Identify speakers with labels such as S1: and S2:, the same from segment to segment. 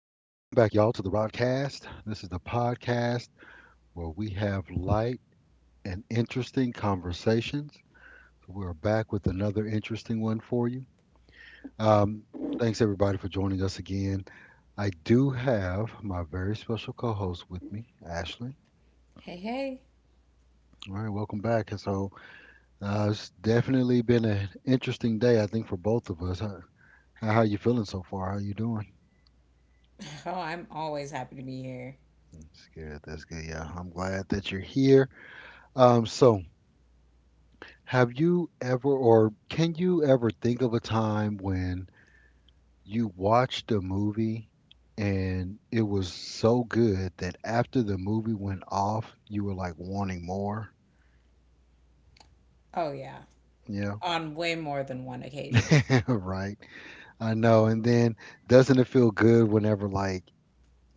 S1: y'all, to the Rodcast. This is the podcast where we have light and interesting conversations. So we're back with another interesting one for you. Um, Thanks, everybody, for joining us again. I do have my very special co host with me, Ashley.
S2: Hey, hey.
S1: All right, welcome back. And So It's definitely been an interesting day, I think, for both of us. How are you feeling so far? How you doing?
S2: Oh, I'm always happy to be here.
S1: That's good. That's good. Yeah, I'm glad that you're here. So have you ever, or can you ever think of a time when you watched a movie and it was so good that after the movie went off, you were like wanting more?
S2: Oh, yeah.
S1: Yeah,
S2: On way more than one occasion.
S1: right. I know. And then doesn't it feel good whenever, like,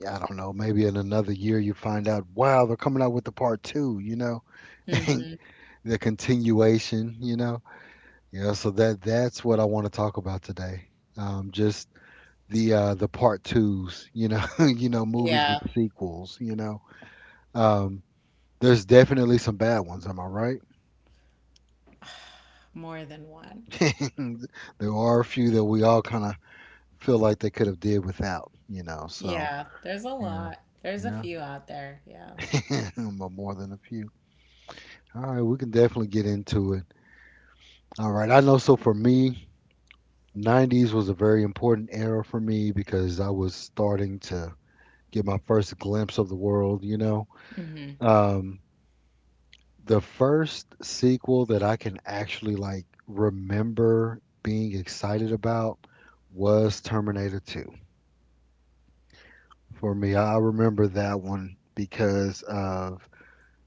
S1: I don't know, maybe in another year you find out, wow, they're coming out with the part two, and
S2: Hmm.
S1: the continuation, you know? Yeah, so that's what I want to talk about today. Just the part twos, movies
S2: Yeah,
S1: with sequels, you know. Um, there's definitely some bad ones, am I right?
S2: more than one.
S1: There are a few that we all kind of feel like they could have did without, you know. So
S2: Yeah, there's a
S1: yeah,
S2: lot. There's a
S1: yeah,
S2: few out there. Yeah.
S1: but more than a few. All right, we can definitely get into it. All right, I know. So for me, 90s was a very important era for me because I was starting to get my first glimpse of the world, you know.
S2: Hmm.
S1: Um, The first sequel that I can actually, like, remember being excited about was Terminator 2. For me, I remember that one because of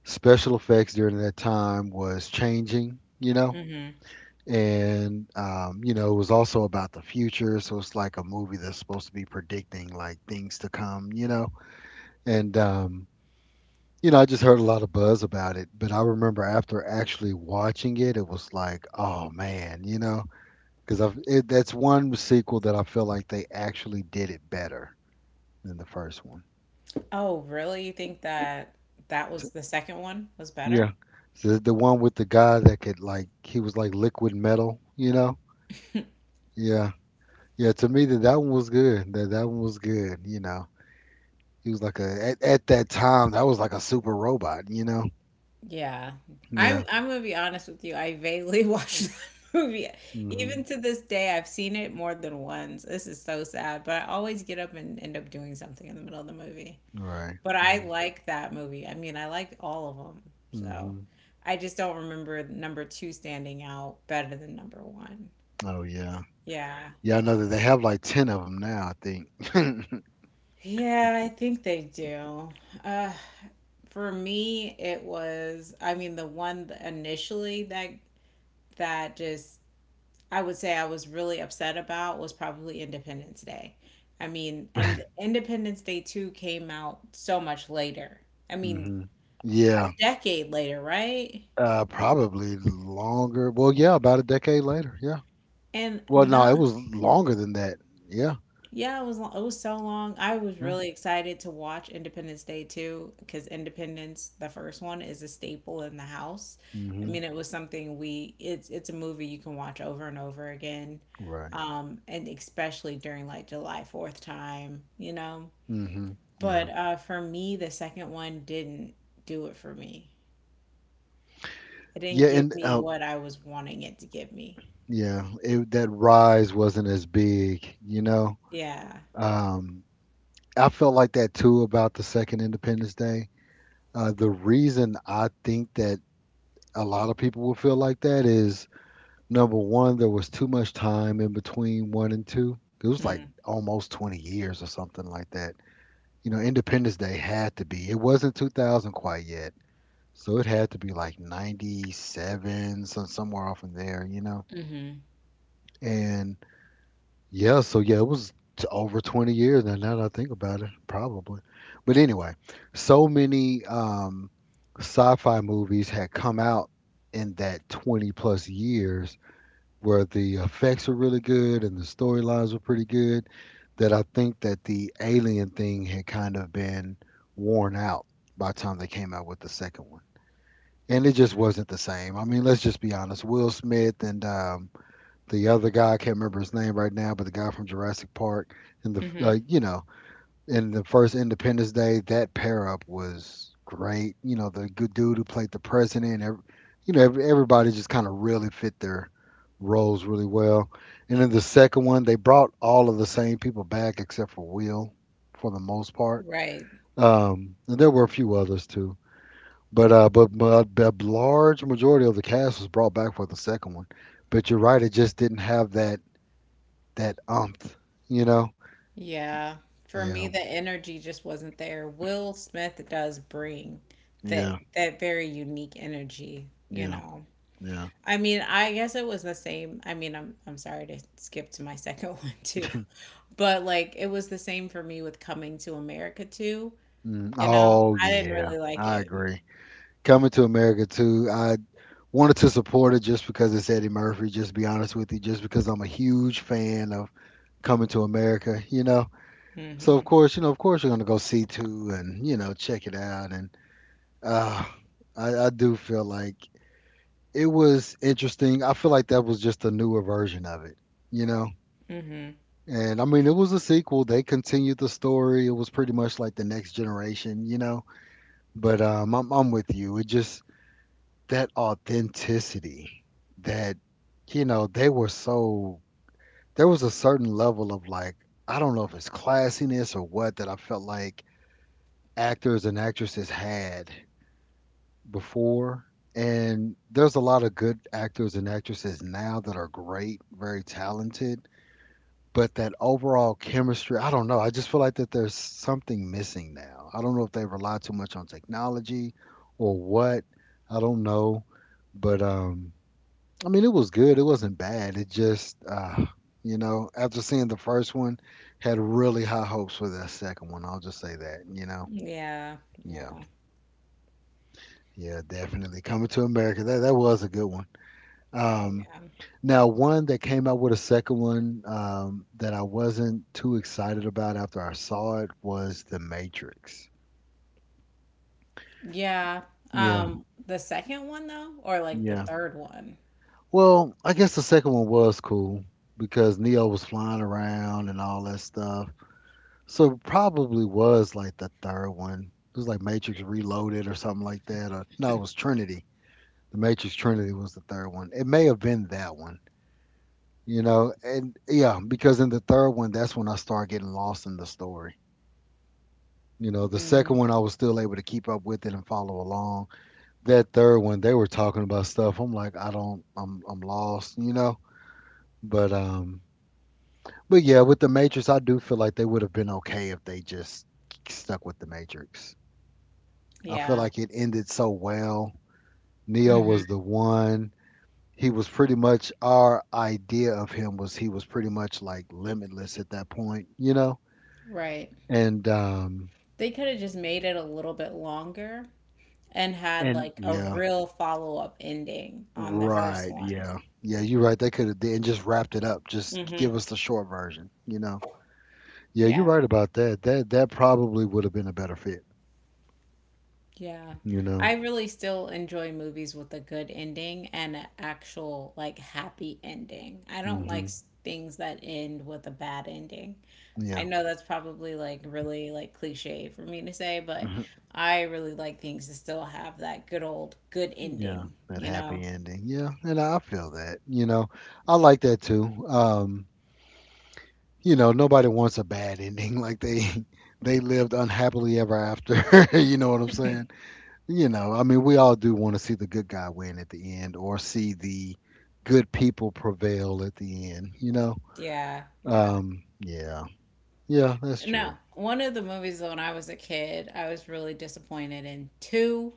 S1: special effects during that time was changing, you know?
S2: Hmm.
S1: You know, it was also about the future. So it's like a movie that's supposed to be predicting, like, things to come, you know? And, um, You know, I just heard a lot of buzz about it, but I remember after actually watching it, it was like, oh man, you know, that's one sequel that I feel like they actually did it better than the first one.
S2: Oh, really? You think that that was
S1: So-
S2: the second one was better?
S1: yeah, so the one with the guy that could like he was like liquid metal, you know? Yeah, yeah. To me, that one was good. That one was good. You know, he was like a at that time that was like a super robot. You know?
S2: Yeah.
S1: Yeah.
S2: I'm gonna be honest with you. I vaguely watched the movie.
S1: Hmm.
S2: Even to this day, I've seen it more than once. This is so sad, but I always get up and end up doing something in the middle of the movie.
S1: Right.
S2: But
S1: Yeah.
S2: I like that movie. I mean, I liked all of them. So
S1: Hmm.
S2: I just don't remember number two standing out better than number one.
S1: Oh yeah.
S2: Yeah.
S1: Yeah, I know that they have like 10 of them now, I think.
S2: Yeah, I think they do. Uh, for me, it was, I mean, the one that initially that just I would say I was really upset about was probably Independence Day. I mean, and Independence Day 2 came out so much later. I mean,
S1: Hmm.
S2: a
S1: Yeah,
S2: decade later, right?
S1: probably longer. Well, yeah, about a decade later. Yeah.
S2: And
S1: Well, no,
S2: no,
S1: it was longer than that. Yeah.
S2: yeah, it was it was so long. I was
S1: Yeah.
S2: really excited to watch Independence Day too, because Independence, the first one, is a staple in the house. I
S1: Hmm.
S2: mean, it was something we it's a movie you can watch over and over again,
S1: Right.
S2: and especially during like July Fourth time, you know.
S1: Hmm.
S2: But
S1: Yeah.
S2: for me, the second one didn't do it for me. It didn't
S1: Yeah,
S2: give
S1: and
S2: me what I was wanting it to give me.
S1: yeah, that rise wasn't as big, you know.
S2: Yeah.
S1: Um, I felt like that too about the second Independence Day. The reason I think that a lot of people will feel like that is number one, there was too much time in between one and two. It was like
S2: Mm.
S1: almost 20 years or something like that. You know, Independence Day had to be. It wasn't 2000 quite yet. So it had to be like 97, somewhere off in there, you know?
S2: Mm-hmm.
S1: And yeah, so yeah, over 20 years now, now that I think about it, probably. But anyway, so many sci fi movies had come out in that 20 plus years where the effects are really good and the storylines were pretty good, that I think that the alien thing had kind of been worn out by the time they came out with the second one. And it just wasn't the same. I mean, let's just be honest. Will Smith and the other guy, I can't remember his name right now, but the guy from Jurassic Park and
S2: Mm-hmm.
S1: in the first Independence Day, that pair up was great. You know, the good dude who played the president, ev you know, ev everybody just kind of really fit their roles really well. And in the second one, they brought all of the same people back except for Will, for the most part.
S2: Right.
S1: And there were a few others too, but the large majority of the cast was brought back for the second one. But you're right, it just didn't have that umph, you know.
S2: Yeah. For me,
S1: Yeah,
S2: the energy just wasn't there. Will Smith does bring that
S1: yeah,
S2: that very unique energy, you
S1: yeah,
S2: know.
S1: yeah.
S2: I mean, I guess it was the same. I mean, I'm sorry to skip to my second one too. But like it was the same for me with Coming to America too.
S1: Mm,
S2: You know,
S1: oh
S2: I didn't
S1: yeah,
S2: really like
S1: I
S2: it.
S1: agree. Coming to America too, I wanted to support it just because it's Eddie Murphy. Just to be honest with you, just because I'm a huge fan of Coming to America, you know. So of
S2: Hmm.
S1: course, you know, of course you're gonna go see two and you know check it out. And uh, I do feel like it was interesting. I feel like that was just a newer version of it, you know.
S2: Hmm.
S1: And I mean, it was a sequel. They continued the story. It was pretty much like the next generation, you know. But I'm with you. It just that authenticity that, you know, they were so there was a certain level of, like, I don't know if it's classiness or what that I felt like actors and actresses had before, and there's a lot of good actors and actresses now that are great, very talented, but that overall chemistry, I don't know, I just feel like that there's something missing now. I don't know if they rely too much on technology or what, I don't know, but, um I mean, it was good. It wasn't bad. It just, you know, after seeing the first one, had really high hopes for the second one. I'll just say that, you know.
S2: Yeah.
S1: Yeah.
S2: Yeah.
S1: Yeah, definitely. Coming to America. That was a good one. Um,
S2: Yeah.
S1: Now one that came out with a second one that I wasn't too excited about after I saw it was The Matrix.
S2: Yeah.
S1: Yeah.
S2: The second one though, or like the
S1: Yeah.
S2: third one.
S1: Well, I guess the second one was cool because Neo was flying around and all that stuff. So it probably was like the third one. It was like Matrix Reloaded or something like that. Or no, it was Trinity. The Matrix Trinity was the third one. It may have been that one, you know. And yeah, because in the third one, that's when I started getting lost in the story. You know, the second
S2: Mm,
S1: one I was still able to keep up with it and follow along. That third one, they were talking about stuff. I'm like, I don't, I'm lost, you know. But um, but yeah, with the Matrix, I do feel like they would have been okay if they just stuck with the Matrix. I feel
S2: yeah.
S1: like it ended so well. Neo was the one. He was pretty much our idea of him was he was pretty much like limitless at that point, you know?
S2: Right.
S1: And um
S2: They could have just made it a little bit longer and had
S1: and
S2: like a
S1: Yeah,
S2: real follow-up ending on the first
S1: right,
S2: one.
S1: yeah. Yeah, you're right. They could have and just wrapped it up. Just
S2: Hmm.
S1: give us the short version, you know. Yeah, you're
S2: Yeah.
S1: right about that. That probably would have been a better fit,
S2: Yeah.
S1: you know.
S2: I really still enjoy movies with a good ending and an actual like happy ending. I don't like
S1: Mhm.
S2: things that end with a bad ending. I
S1: Yeah.
S2: know that's probably like really like cliche for me to say, but
S1: Mhm.
S2: I really like things to still have that good old good
S1: Yeah,
S2: ending,
S1: that
S2: you know?
S1: happy ending. Yeah, and I feel that, you know. I like that too. You know, nobody wants a bad ending. Like they lived unhappily ever after. You know what I'm saying? You know, I mean, we all do want to see the good guy win at the end, or see the good people prevail at the end. You know?
S2: Yeah. Yeah.
S1: Yeah, yeah, that's
S2: Now,
S1: true.
S2: one of the movies when I was a kid, I was really disappointed in two.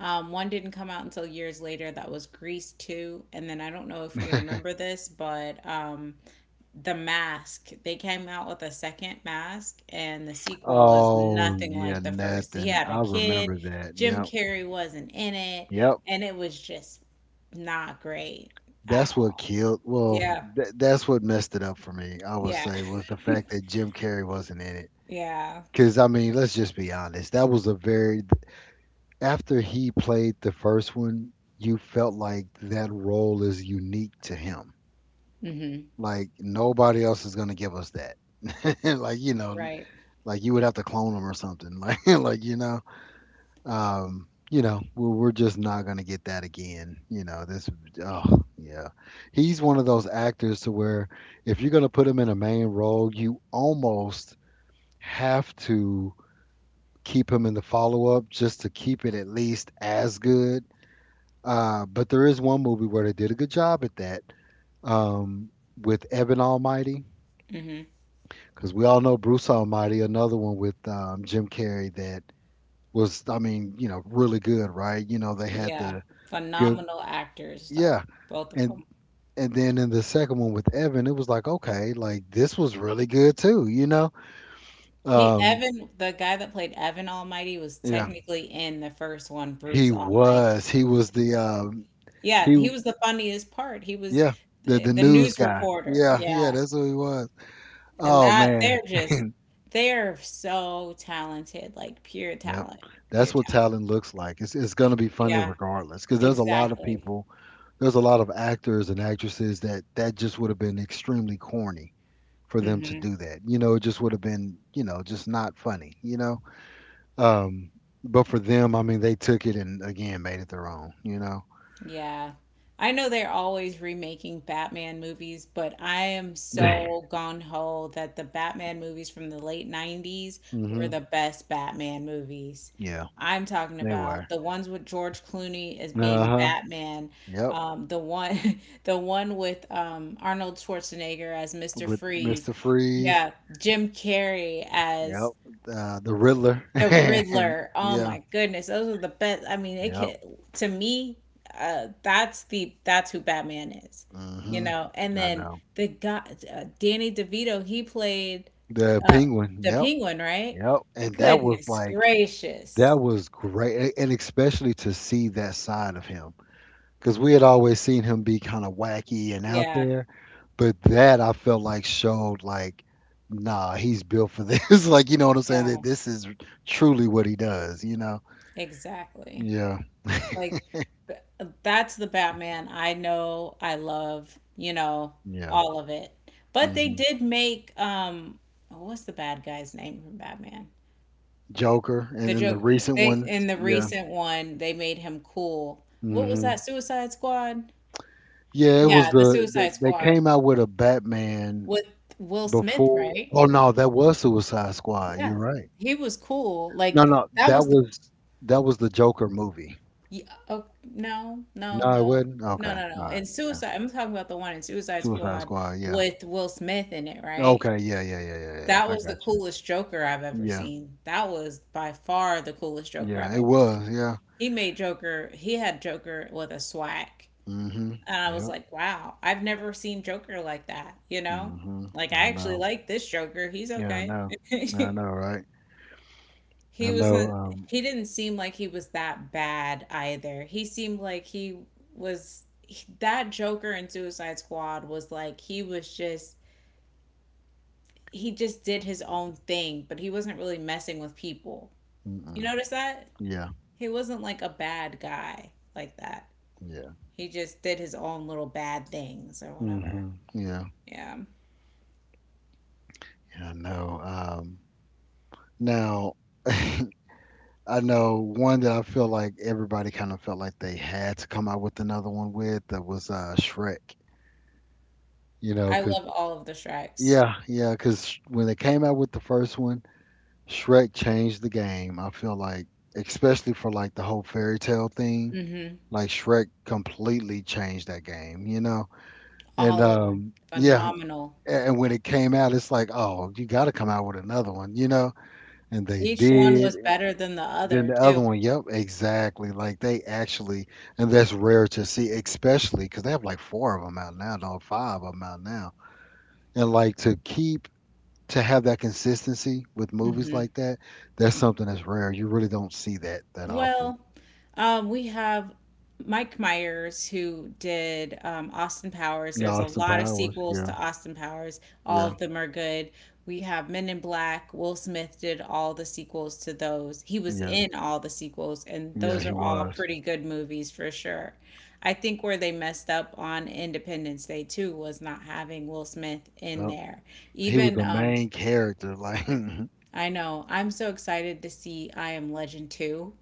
S2: One didn't come out until years later. That was Grease 2. And then I don't know if you remember this, but The Mask. They came out with a second mask, and the sequel was
S1: Oh
S2: nothing
S1: yeah,
S2: like the first. He
S1: nothing.
S2: had a
S1: I
S2: kid,
S1: remember that.
S2: Jim
S1: Yep,
S2: Carrey wasn't in it,
S1: yep.
S2: and it was just not great at
S1: That's what
S2: all.
S1: killed. Well,
S2: Yeah,
S1: that's what messed it up for me. I would
S2: yeah,
S1: say was the fact that Jim Carrey wasn't in it.
S2: yeah.
S1: Because I mean, let's just be honest. That was a very after he played the first one, you felt like that role is unique to him.
S2: Hmm.
S1: Like nobody else is gonna give us that. Like you know,
S2: Right.
S1: like you would have to clone him or something. You know, you know, we're just not gonna get that again. You know, this. Oh yeah, he's one of those actors to where if you're gonna put him in a main role, you almost have to keep him in the follow up just to keep it at least as good. But there is one movie where they did a good job at that um, with Evan Almighty,
S2: Hmm.
S1: because we all know Bruce Almighty. Another one with Jim Carrey that was, I mean, you know, really good, right? You know, they had
S2: Yeah,
S1: the good,
S2: phenomenal actors though,
S1: yeah,
S2: both of
S1: and
S2: them.
S1: and then in the second one with Evan, it was like, okay, like this was really good too, you know?
S2: He
S1: Um,
S2: Evan, the guy that played Evan Almighty was
S1: yeah,
S2: technically in the first one, Bruce Almighty.
S1: he was the
S2: Yeah,
S1: he,
S2: he was the funniest part. He was
S1: Yeah,
S2: the,
S1: the
S2: the
S1: news
S2: news
S1: guy.
S2: reporter.
S1: Yeah, yeah,
S2: Yeah.
S1: that's who he was.
S2: And
S1: Oh
S2: that
S1: man.
S2: they're just they're so talented, like pure
S1: Yep.
S2: talent,
S1: That's
S2: pure
S1: what
S2: talent.
S1: talent looks like. It's gonna be funny
S2: Yeah,
S1: regardless, because there's a lot of
S2: exactly.
S1: people, there's a lot of actors and actresses that just would have been extremely corny for them to
S2: Mm-hmm.
S1: do that. You know, it just would have been, just not funny. um, but for them, I mean, they took it and again made it their own. You know.
S2: Yeah. I know they're always remaking Batman movies, but I am so gung ho that the Batman movies from the late 90s were
S1: hmm
S2: the best Batman movies.
S1: Yeah,
S2: I'm talking
S1: they were.
S2: about the ones with George Clooney as
S1: Uh
S2: being
S1: huh.
S2: Batman,
S1: Yep.
S2: the one the one with Arnold Schwarzenegger as Mr.
S1: With
S2: Freeze.
S1: Mister Freeze.
S2: Yeah, Jim Carrey
S1: Yep.
S2: as
S1: The Riddler.
S2: the
S1: yeah.
S2: Riddler. Oh my goodness, those are the best. I mean, it
S1: Yep.
S2: can, to me, that's who Batman is, you
S1: hmm
S2: know. And
S1: I
S2: then
S1: know.
S2: the guy, Danny DeVito, he played
S1: The
S2: uh,
S1: penguin.
S2: the
S1: Yep.
S2: Penguin, right?
S1: Yep. And that was
S2: Goodness
S1: like that
S2: gracious.
S1: was great, and especially to see that side of him, because we had always seen him be kind of wacky and out
S2: Yeah,
S1: there, but that I felt like showed like, nah, he's built for this. Like, you know what I'm saying?
S2: yeah,
S1: That this is truly what he does. You know?
S2: exactly.
S1: Yeah.
S2: Like th- that's the Batman I know, I love, you know,
S1: Yeah.
S2: all of it. But they
S1: hmm
S2: did make what's the bad guy's name from Batman?
S1: Joker, and
S2: The
S1: then the
S2: joke
S1: recent
S2: they
S1: ones.
S2: in the
S1: Yeah.
S2: recent one they made him cool. What was
S1: hmm
S2: that? Suicide Squad?
S1: Yeah, it was
S2: Yeah, the
S1: the they,
S2: Suicide
S1: they
S2: Squad
S1: came out with a Batman.
S2: with Will Smith,
S1: Before,
S2: right?
S1: oh no, that was Suicide Squad.
S2: Yeah.
S1: You're right.
S2: He was cool.
S1: No,
S2: Like
S1: no,
S2: that
S1: that
S2: was the,
S1: was that was the Joker movie.
S2: yeah. Oh, no,
S1: No,
S2: no,
S1: it
S2: no.
S1: wasn't.
S2: No,
S1: Okay,
S2: no, no.
S1: all right,
S2: In
S1: yeah,
S2: Suicide, I'm talking about the one in Suicide
S1: Suicide
S2: Squad
S1: Squad. Yeah.
S2: with Will Smith in it, right?
S1: Okay, yeah, yeah, yeah, yeah, yeah.
S2: That
S1: I
S2: was
S1: got
S2: the
S1: you.
S2: coolest Joker I've ever
S1: Yeah,
S2: seen. That was by far the coolest Joker
S1: yeah,
S2: I've
S1: it
S2: ever seen.
S1: was. Yeah.
S2: He made Joker, he had Joker with a swag.
S1: Mm-hmm.
S2: And I was
S1: Yep.
S2: like, wow, I've never seen Joker like that, you know?
S1: Mm-hmm.
S2: Like, I
S1: I
S2: actually
S1: know.
S2: like this Joker. He's
S1: Yeah, I
S2: okay.
S1: know. I know, right? I
S2: He
S1: know.
S2: wasn't, he didn't seem like he was that bad either. He seemed like that Joker in Suicide Squad was like, he just did his own thing, but he wasn't really messing with people. You
S1: Mm-mm.
S2: notice that?
S1: Yeah.
S2: He wasn't like a bad guy like that.
S1: Yeah.
S2: He just did his own little bad things or whatever.
S1: Mm-hmm. Yeah.
S2: Yeah.
S1: Yeah, I know. Now. I know one that I feel like everybody kind of felt like they had to come out with another one with that was Shrek. You know,
S2: I
S1: cause
S2: love all of the Shreks.
S1: yeah, yeah, cause when they came out with the first one, Shrek changed the game. I feel like, especially for like the whole fairy tale thing,
S2: Mm hmm.
S1: like Shrek completely changed that game. You know, and
S2: All of them.
S1: yeah,
S2: Phenomenal.
S1: and when it came out, it's like, oh, you got to come out with another one. You know, and they
S2: Each one
S1: did.
S2: was better than the
S1: Then
S2: other,
S1: the other
S2: too.
S1: one, yep, exactly. Like they actually, and that's rare to see, especially because they have like four of them out now, or five of them out now. And like to keep to have that consistency with
S2: Mm
S1: movies
S2: hmm.
S1: like that, that's something that's rare. You really don't see that often.
S2: Well, we have Mike Myers who did Austin Powers.
S1: Yeah,
S2: There's a
S1: Austin
S2: lot of
S1: Powers,
S2: sequels
S1: yeah,
S2: to Austin Powers. All
S1: yeah,
S2: of them are good. We have Men in Black. Will Smith did all the sequels to those. He was
S1: yeah,
S2: in all the sequels, and
S1: yeah.
S2: those
S1: He
S2: are all
S1: was,
S2: pretty good movies for sure. I think where they messed up on Independence Day too was not having Will Smith in
S1: yep,
S2: there.
S1: he was
S2: Even
S1: the main character. Like,
S2: I know I'm so excited to see I Am Legend 2.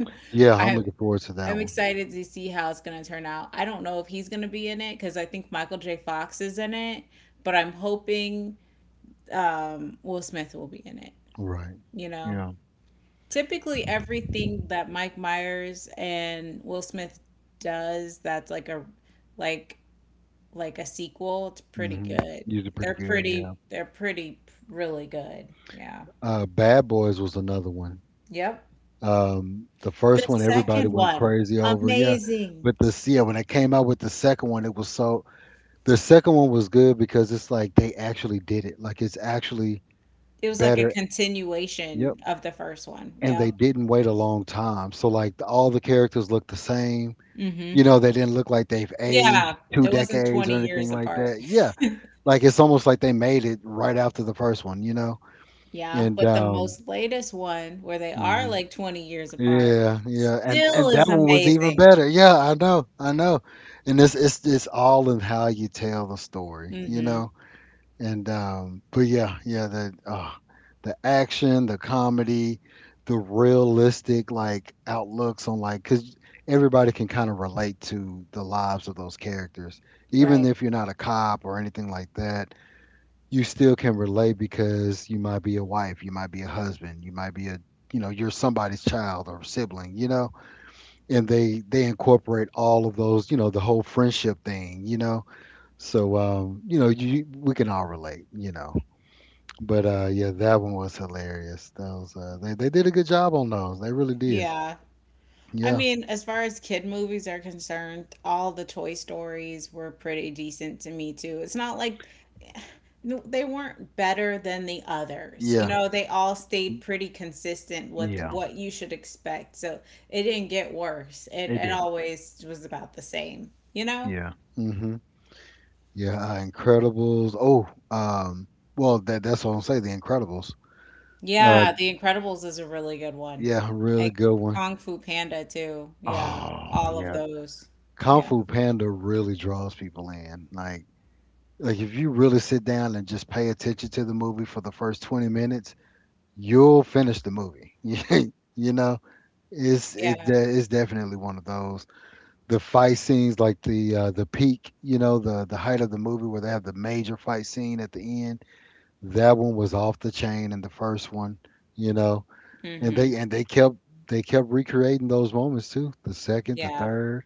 S1: yeah, I'm
S2: I
S1: looking forward to that
S2: I'm
S1: one.
S2: excited to see how it's going to turn out. I don't know if he's going to be in it because I think Michael J. Fox is in it, but I'm hoping Will Smith will be in it.
S1: Right,
S2: You know,
S1: yeah,
S2: typically everything that Mike Myers and Will Smith does that's like like a sequel, it's pretty
S1: hmm.
S2: good.
S1: Usually pretty
S2: They're
S1: good, yeah.
S2: pretty they're pretty really good. Yeah.
S1: Bad Boys was another one.
S2: Yep.
S1: The
S2: The
S1: first one everybody
S2: second
S1: went
S2: one,
S1: crazy over, yeah.
S2: amazing.
S1: But this, yeah, when they came out with the second one, it was so. The second one was good because it's like they actually did it. Like it's actually
S2: It was like a
S1: better. Yep.
S2: continuation of the first one.
S1: And they
S2: Yep.
S1: didn't wait a long time, so like the, all the characters look the same.
S2: Hmm.
S1: You know, they didn't look like they've
S2: Yeah,
S1: aged two
S2: it wasn't
S1: decades
S2: 20
S1: or anything
S2: years
S1: like
S2: apart.
S1: that. Yeah, like it's almost like they made it right after the first one. You know,
S2: Yeah.
S1: and
S2: But the most latest one, where they are
S1: mm-hmm.
S2: like 20 years apart,
S1: Yeah, yeah, and
S2: still
S1: and
S2: is
S1: that one was even
S2: amazing.
S1: better. Yeah, I know, and it's all in how you tell the story, you
S2: Hmm.
S1: know. And but yeah, yeah, the action, the comedy, the realistic like outlooks on like because everybody can kind of relate to the lives of those characters, even
S2: Right.
S1: if you're not a cop or anything like that, you still can relate because you might be a wife, you might be a husband, you might be a, you know, you're somebody's child or sibling, you know, and they incorporate all of those, you know, the whole friendship thing, you know. So you know, you we can all relate, you know. But yeah, that one was hilarious, those they did a good job on those, they really did.
S2: Yeah. I
S1: Yeah.
S2: mean, as far as kid movies are concerned, all the Toy Stories were pretty decent to me too. It's not like no, they weren't better than the others. You
S1: Yeah.
S2: know, they all stayed pretty consistent with
S1: Yeah,
S2: what you should expect. So it didn't get worse. It,
S1: it
S2: it
S1: didn't.
S2: always was about the same, you know?
S1: Yeah, hmm, yeah, incredibles. Oh, well, that's what I'm saying, the Incredibles. uh
S2: Yeah, The Incredibles is a really good one.
S1: Yeah, really
S2: Like
S1: good one.
S2: Kung Fu Panda too. Yeah,
S1: Oh,
S2: all of
S1: yeah.
S2: those.
S1: Kung
S2: Yeah,
S1: Fu Panda really draws people in. Like if you really sit down and just pay attention to the movie for the first 20 minutes, you'll finish the movie. You know, it's it
S2: yeah.
S1: de- it's definitely one of those. The fight scenes like the peak, you know, the height of the movie where they have the major fight scene at the end, that one was off the chain in the first one, you know. And
S2: Mm-hmm.
S1: they kept recreating those moments too. The second, the
S2: Yeah,
S1: third,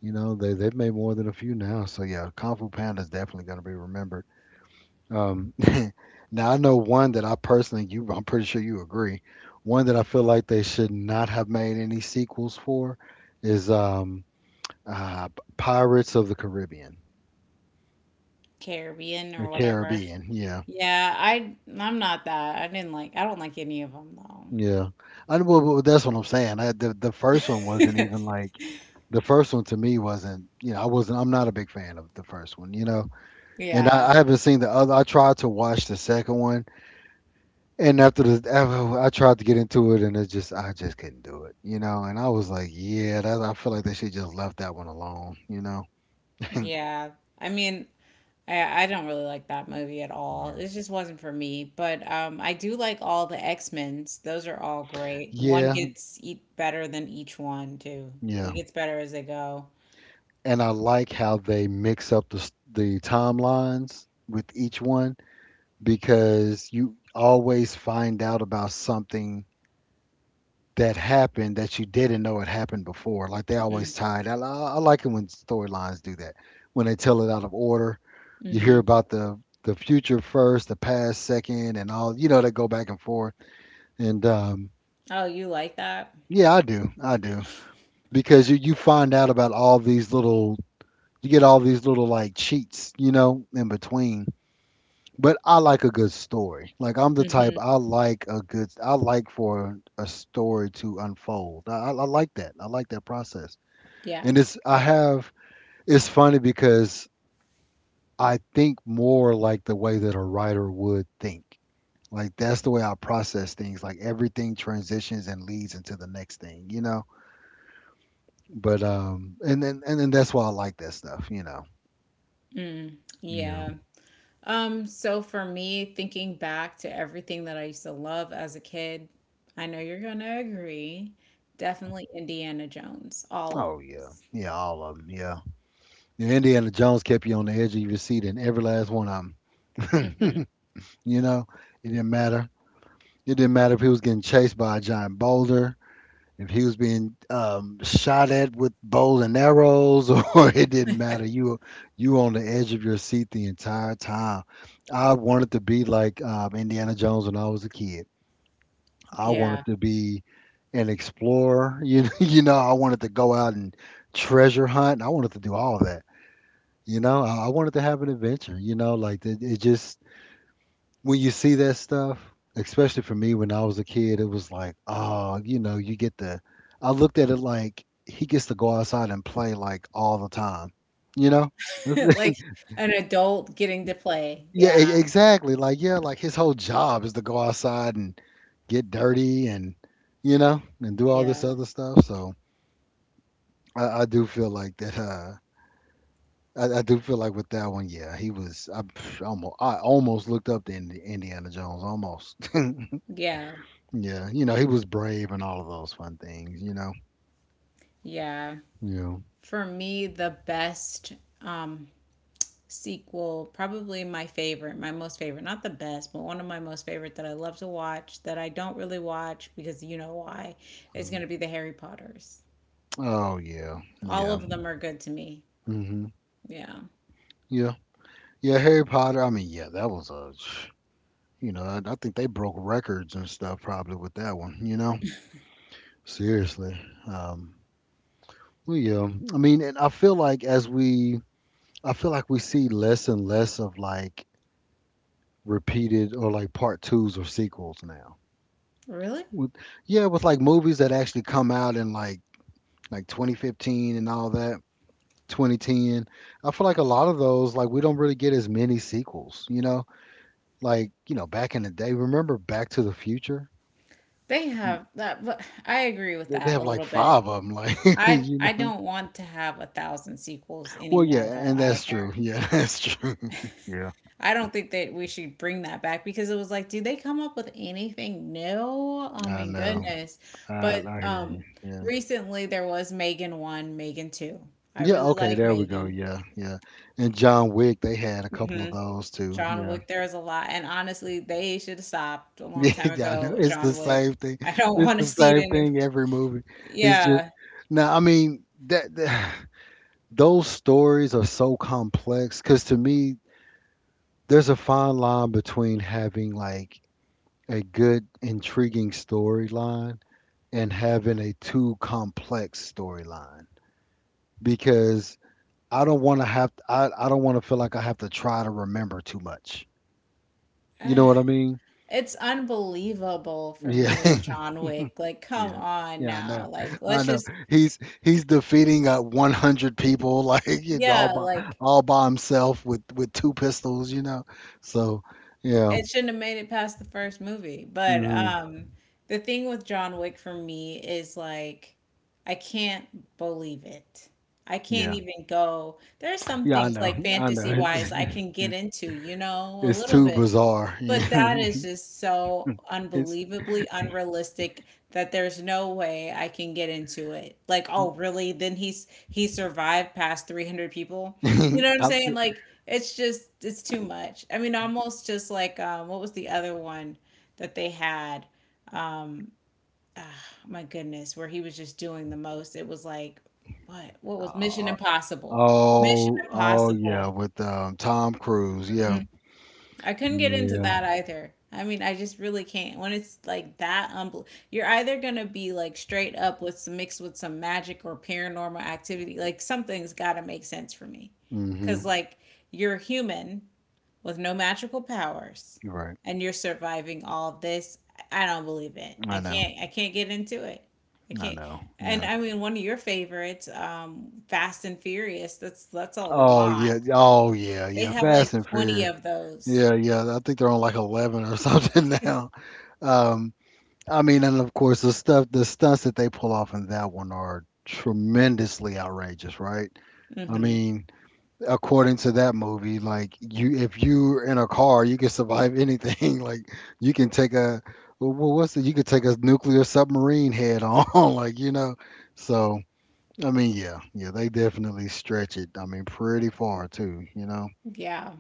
S1: you know, they they've made more than a few now. So yeah, Kung Fu Panda is definitely going to be remembered. Um, now I know one that I personally, you, I'm pretty sure you agree. One that I feel like they should not have made any sequels for is uh, Pirates of the Caribbean,
S2: Caribbean or
S1: the
S2: whatever.
S1: Caribbean. Yeah,
S2: Yeah, I'm not that. I didn't like. I don't like any of them though.
S1: yeah. Well, that's what I'm saying. The first one wasn't even like, the first one to me wasn't, you know, I wasn't, I'm not a big fan of the first one, you know. And
S2: Yeah,
S1: I haven't seen the other. I tried to watch the second one and I tried to get into it and it just, I just couldn't do it, you know, and I was like, yeah, I feel like they should just left that one alone, you know.
S2: yeah. I mean, I don't really like that movie at all.
S1: Yeah.
S2: It just wasn't for me. But I do like all the X-Men's. Those are all great. One
S1: Yeah,
S2: gets eat better than each one too. It
S1: yeah,
S2: gets better as they go.
S1: and I like how they mix up the timelines with each one because you always find out about something that happened that you didn't know it happened before. Like they always tie it. I like it when storylines do that. When they tell it out of order, you hear
S2: Mm-hmm.
S1: about the future first, the past second, and all. You know they go back and forth. And
S2: Oh, you like that?
S1: yeah, I do, because you find out about all these little. You get all these little like cheats, you know, in between. But I like a good story. Like I'm the type,
S2: Mm-hmm.
S1: I like a good. I like for a story to unfold. I like that. I like that process.
S2: Yeah.
S1: And it's I have, it's funny because I think more like the way that a writer would think. Like that's the way I process things. Like everything transitions and leads into the next thing, you know? But and then that's why I like that stuff, you know.
S2: Mm.
S1: Yeah.
S2: Yeah. So for me, thinking back to everything that I used to love as a kid, I know you're gonna agree. Definitely Indiana Jones, all of.
S1: Oh yeah. Yeah, all of them. Yeah. Yeah. Indiana Jones kept you on the edge of your seat in every last one of them.
S2: Hmm.
S1: You know, it didn't matter. It didn't matter if he was getting chased by a giant boulder. If he was being shot at with bows and arrows, or it didn't matter, you were on the edge of your seat the entire time. I wanted to be like Indiana Jones when I was a kid. I
S2: Yeah.
S1: wanted to be an explorer. You know, I wanted to go out and treasure hunt. I wanted to do all of that. You know, I wanted to have an adventure. You know, like it just, when you see that stuff, especially for me when I was a kid, it was like, oh, you know, you get the. I looked at it like he gets to go outside and play like all the time, you know.
S2: Like an adult getting to play.
S1: Yeah,
S2: Yeah.
S1: exactly. Like yeah, like his whole job is to go outside and get dirty and, you know, and do all this
S2: Yeah.
S1: other stuff. So I do feel like that. I do feel like with that one, yeah, he was. I almost looked up to Indiana Jones, almost.
S2: Yeah.
S1: Yeah, you know, he was brave and all of those fun things, you know.
S2: Yeah.
S1: Yeah.
S2: For me, the best. Um, Sequel, probably my favorite, my most favorite, not the best, but one of my most favorite that I love to watch that I don't really watch because you know why, is going
S1: Mm.
S2: to be the Harry Potters.
S1: Oh yeah.
S2: All
S1: Yeah.
S2: of them are good to me.
S1: Mhm.
S2: Yeah.
S1: Yeah. Yeah, Harry Potter, I mean, yeah, that was a sh- you know, I think they broke records and stuff probably with that one, you know. Seriously. Um well, yeah. I mean, and I feel like we see less and less of like repeated or like part 2s or sequels now.
S2: Really?
S1: With, yeah, with like movies that actually come out in like 2015 and all that 2010. I feel like a lot of those, like we don't really get as many sequels, you know? Like, you know, back in the day, remember Back to the Future?
S2: They
S1: Mm,
S2: have that, but I agree with
S1: they
S2: that a
S1: have like
S2: little bit.
S1: five of them, like,
S2: I
S1: you
S2: I
S1: know?
S2: don't want to have a thousand sequels
S1: Well, yeah,
S2: anymore though
S1: and that's true.
S2: either.
S1: Yeah, that's true. Yeah,
S2: I don't think that we should bring that back because it was like, did they come up with anything new? Oh
S1: I
S2: my
S1: know.
S2: goodness. But
S1: I hear you. Yeah.
S2: recently there was Megan 1, Megan 2. I
S1: Yeah,
S2: really
S1: okay,
S2: like
S1: there we go.
S2: Megan.
S1: Yeah, yeah. And John Wick, they had a couple of
S2: Hmm.
S1: those too.
S2: John
S1: Yeah.
S2: Wick, there is a lot. And honestly, they should have stopped a long time
S1: Yeah, I
S2: ago,
S1: know.
S2: with
S1: It's the
S2: John
S1: same
S2: Wick.
S1: thing.
S2: I don't
S1: It's
S2: want
S1: the
S2: to see it
S1: same
S2: anymore.
S1: thing every movie. It's just
S2: Yeah.
S1: now, I mean, that those stories are so complex because to me there's a fine line between having like a good intriguing storyline and having a too complex storyline because I don't want to feel like I have to try to remember too much. You know
S2: Ah,
S1: what I mean?
S2: it's unbelievable for
S1: Yeah.
S2: me with John Wick. Like, come
S1: Yeah.
S2: on
S1: Yeah. I know.
S2: now. Like,
S1: I
S2: let's
S1: know.
S2: just,
S1: He's defeating 100 people, like you know,
S2: yeah, like
S1: all by himself with two pistols. So yeah.
S2: it shouldn't have made it past the first movie. But
S1: Mhm.
S2: the thing with John Wick for me is like, I can't believe it. I can't
S1: Yeah.
S2: even go. There's some
S1: Yeah, I
S2: things
S1: know.
S2: like
S1: I know.
S2: fantasy wise
S1: It's
S2: I can get
S1: it's,
S2: into, you know, a
S1: It's
S2: little
S1: too
S2: bit.
S1: bizarre.
S2: But that is just so
S1: It's
S2: unbelievably unrealistic that there's no way I can get into it. Like, oh, really? Then he survived past 300 people. You know what I'm
S1: I,
S2: saying? Like, it's just it's too much. I mean, almost just like what was the other one that they had? Um ah, my goodness, where he was just doing the most. It was like what was Mission
S1: uh,
S2: Impossible? Mission
S1: oh, oh yeah,
S2: Impossible.
S1: with Tom Cruise. Yeah.
S2: I couldn't get into
S1: Yeah.
S2: that either. I mean, I just really can't. When it's like that, you're either gonna be like straight up with some mixed with some magic or paranormal activity. Like something's gotta make sense for me, because
S1: Mm-hmm.
S2: like you're human with no magical powers,
S1: You're right.
S2: and you're surviving all of this. I don't believe it. I
S1: I know.
S2: can't. I can't get into it. I
S1: I
S2: can't.
S1: know.
S2: And
S1: Yeah.
S2: I mean, one of your favorites, Fast and Furious. That's a
S1: Oh
S2: lot.
S1: yeah. Oh yeah.
S2: They
S1: Yeah.
S2: have
S1: Fast
S2: like
S1: and
S2: 20
S1: Furious.
S2: of those.
S1: Yeah. Yeah. I think they're on like 11 or something now. Um. I mean, and of course the stuff, the stunts that they pull off in that one are tremendously outrageous, right? I
S2: Hmm.
S1: mean, according to that movie, like you, if you're in a car, you can survive anything. Like you can take a, what's it? You could take a nuclear submarine head on, like you know. So I mean, yeah, yeah, they definitely stretch it. I mean, pretty far too, you know.
S2: Yeah.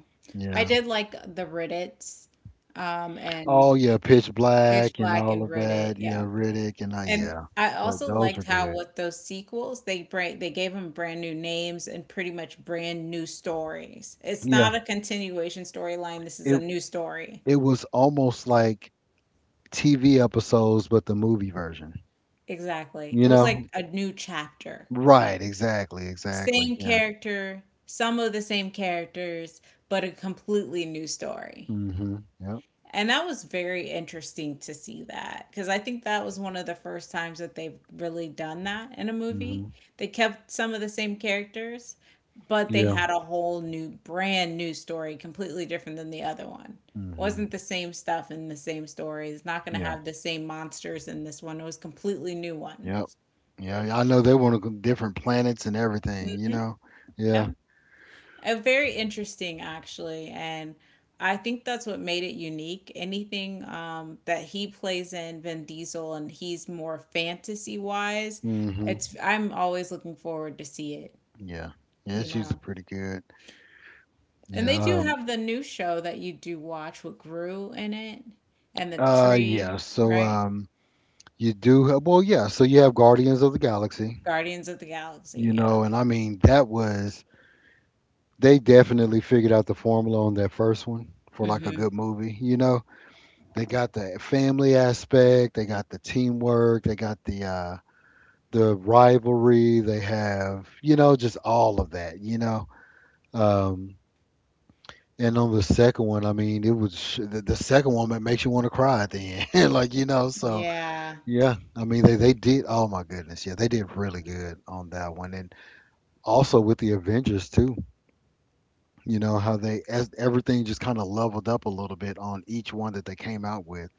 S2: I
S1: Yeah.
S2: did like the Riddits, and
S1: Oh yeah, Pitch
S2: Pitch
S1: Black and
S2: Black
S1: all
S2: and
S1: of
S2: Riddit.
S1: that. Yeah,
S2: Yeah.
S1: Riddick and
S2: And
S1: yeah,
S2: I also
S1: those are
S2: liked how
S1: good.
S2: with those sequels, they gave them brand new names and pretty much brand new stories. It's not
S1: Yeah.
S2: a continuation storyline. This is
S1: It
S2: a new story.
S1: it was almost like TV episodes, but the movie version.
S2: Exactly. It
S1: You
S2: was like
S1: know,
S2: a new chapter.
S1: right, exactly,
S2: Same
S1: exactly. Yeah.
S2: character, some of the same characters, but a completely new story.
S1: Mm-hmm. Yep.
S2: And that was very interesting to see that because I think that was one of the first times that they've really done that in a movie.
S1: Mm-hmm.
S2: They kept some of the same characters, but they
S1: Yeah.
S2: had a whole new, brand new story, completely different than the other one.
S1: Mm-hmm.
S2: Wasn't the same stuff in the same story. It's not going to
S1: Yeah.
S2: have the same monsters in this one. It was completely new
S1: Yep.
S2: ones.
S1: Yeah. I know they want to go different planets and everything, you know? Yeah.
S2: Yep. Very interesting, actually. And I think that's what made it unique. Anything that he plays in Vin Diesel and he's more fantasy wise,
S1: Mm-hmm.
S2: it's I'm always looking forward to see it,
S1: Yeah. Yeah,
S2: you
S1: it's usually
S2: know.
S1: pretty good.
S2: And
S1: Yeah.
S2: they do have the new show that you do watch with Gru in it and the tree,
S1: Yeah. So
S2: right?
S1: you do have, well, yeah, so you have Guardians of the Galaxy,
S2: Guardians of the
S1: you
S2: Galaxy,
S1: know, and I mean that was they definitely figured out the formula on that first one for
S2: yeah.
S1: like a
S2: Hmm.
S1: good movie, you know. They got the family aspect. They got the teamwork. They got the rivalry. They have you know just all of that. You know. Um, and on the second one, I mean, it was the second one that makes you want to cry at the end, like you know. So
S2: Yeah.
S1: yeah, I mean, they did. Oh my goodness, yeah, they did really good on that one, and also with the Avengers too. You know how they as everything just kind of leveled up a little bit on each one that they came out with.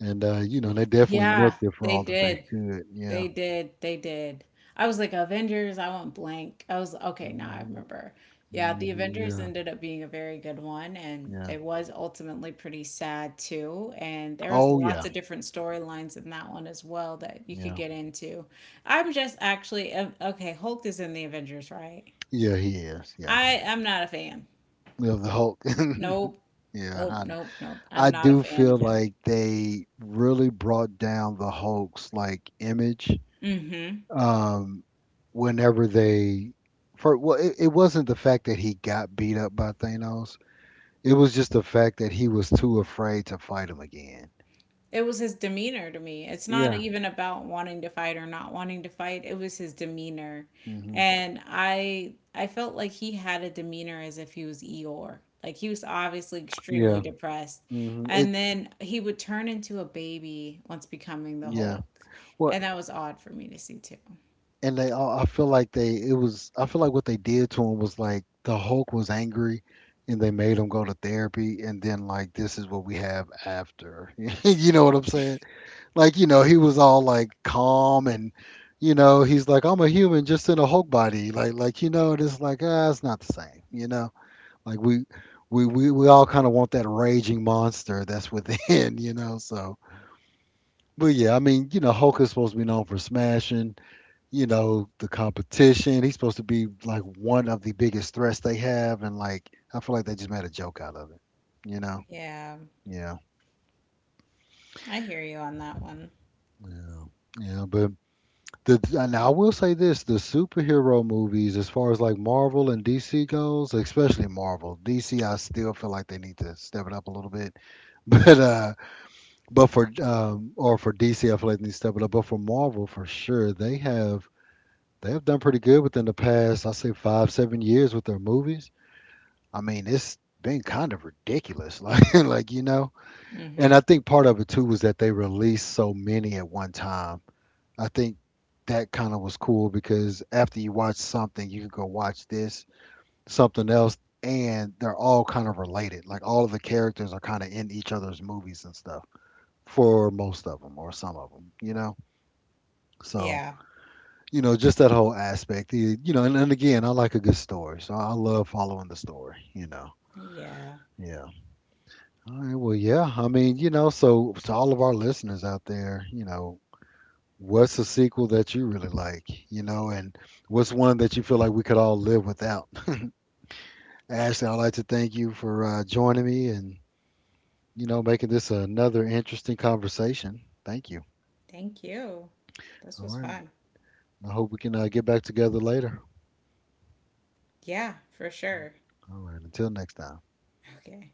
S1: And you know, they definitely
S2: Yeah,
S1: milked it for
S2: they
S1: all that they
S2: did.
S1: could. Yeah.
S2: They did. They did. I was like, Avengers, I want blank. I was, okay, now I
S1: Hmm.
S2: remember. Yeah, the
S1: Hmm.
S2: Avengers
S1: Yeah.
S2: ended up being a very good one, and
S1: Yeah.
S2: it was ultimately pretty sad too. And there was
S1: Oh yeah.
S2: lots of different storylines in that one as well that you could
S1: Yeah.
S2: get into. I'm just actually, okay, Hulk is in the Avengers, right?
S1: Yeah, he is. Yeah.
S2: I am not a fan.
S1: Yeah, the Hulk.
S2: Nope.
S1: Yeah,
S2: Nope, nope, nope.
S1: I
S2: I'm not a
S1: do
S2: fan
S1: feel
S2: of him.
S1: like they really brought down the Hulk's like image.
S2: Mm-hmm.
S1: Um, whenever for well, it wasn't the fact that he got beat up by Thanos. It was just the fact that he was too afraid to fight him again.
S2: It was his demeanor to me. It's not
S1: Yeah.
S2: even about wanting to fight or not wanting to fight. It was his demeanor.
S1: Hmm.
S2: And I felt like he had a demeanor as if he was Eeyore. Like he was obviously extremely
S1: Yeah.
S2: depressed.
S1: hmm It
S2: And then he would turn into a baby once becoming the
S1: Yeah.
S2: Hulk.
S1: Well,
S2: And that was odd for me to see too.
S1: and they all, I feel like it was, I feel like what they did to him was like the Hulk was angry and they made him go to therapy. And then, like, this is what we have after. You know what I'm saying? Like, you know, he was all like calm and, you know, he's like, I'm a human just in a Hulk body. Like, you know, and it's like, ah, it's not the same, you know? Like, we all kind of want that raging monster that's within, you know? So, but yeah, I mean, you know, Hulk is supposed to be known for smashing, you know, the competition. He's supposed to be like one of the biggest threats they have, and like I feel like they just made a joke out of it. You know?
S2: Yeah.
S1: Yeah.
S2: I hear you on that one.
S1: Yeah. Yeah. But the and I will say this: the superhero movies, as far as like Marvel and DC goes, especially Marvel, DC, I still feel like they need to step it up a little bit. But uh, but for or for DC, I feel like they need to step it up. But for Marvel, for sure, they have done pretty good within the past, I say 5, 7 years with their movies. I mean, it's been kind of ridiculous, like you know.
S2: Mm-hmm.
S1: And I think part of it too was that they released so many at one time. I think that kind of was cool because after you watch something, you can go watch this, something else, and they're all kind of related. Like all of the characters are kind of in each other's movies and stuff for most of them or some of them, you know. So
S2: Yeah.
S1: you know, just that whole aspect. You know, and again, I like a good story, so I love following the story. You know,
S2: Yeah.
S1: yeah. All right. Well, yeah. I mean, you know, so to all of our listeners out there, you know, what's a sequel that you really like? You know, and what's one that you feel like we could all live without? Ashley, I'd like to thank you for joining me and, you know, making this another interesting conversation. Thank you.
S2: Thank you. This
S1: All
S2: was
S1: right.
S2: fun.
S1: I hope we can get back together later.
S2: Yeah, for sure.
S1: All right. Until next time.
S2: Okay.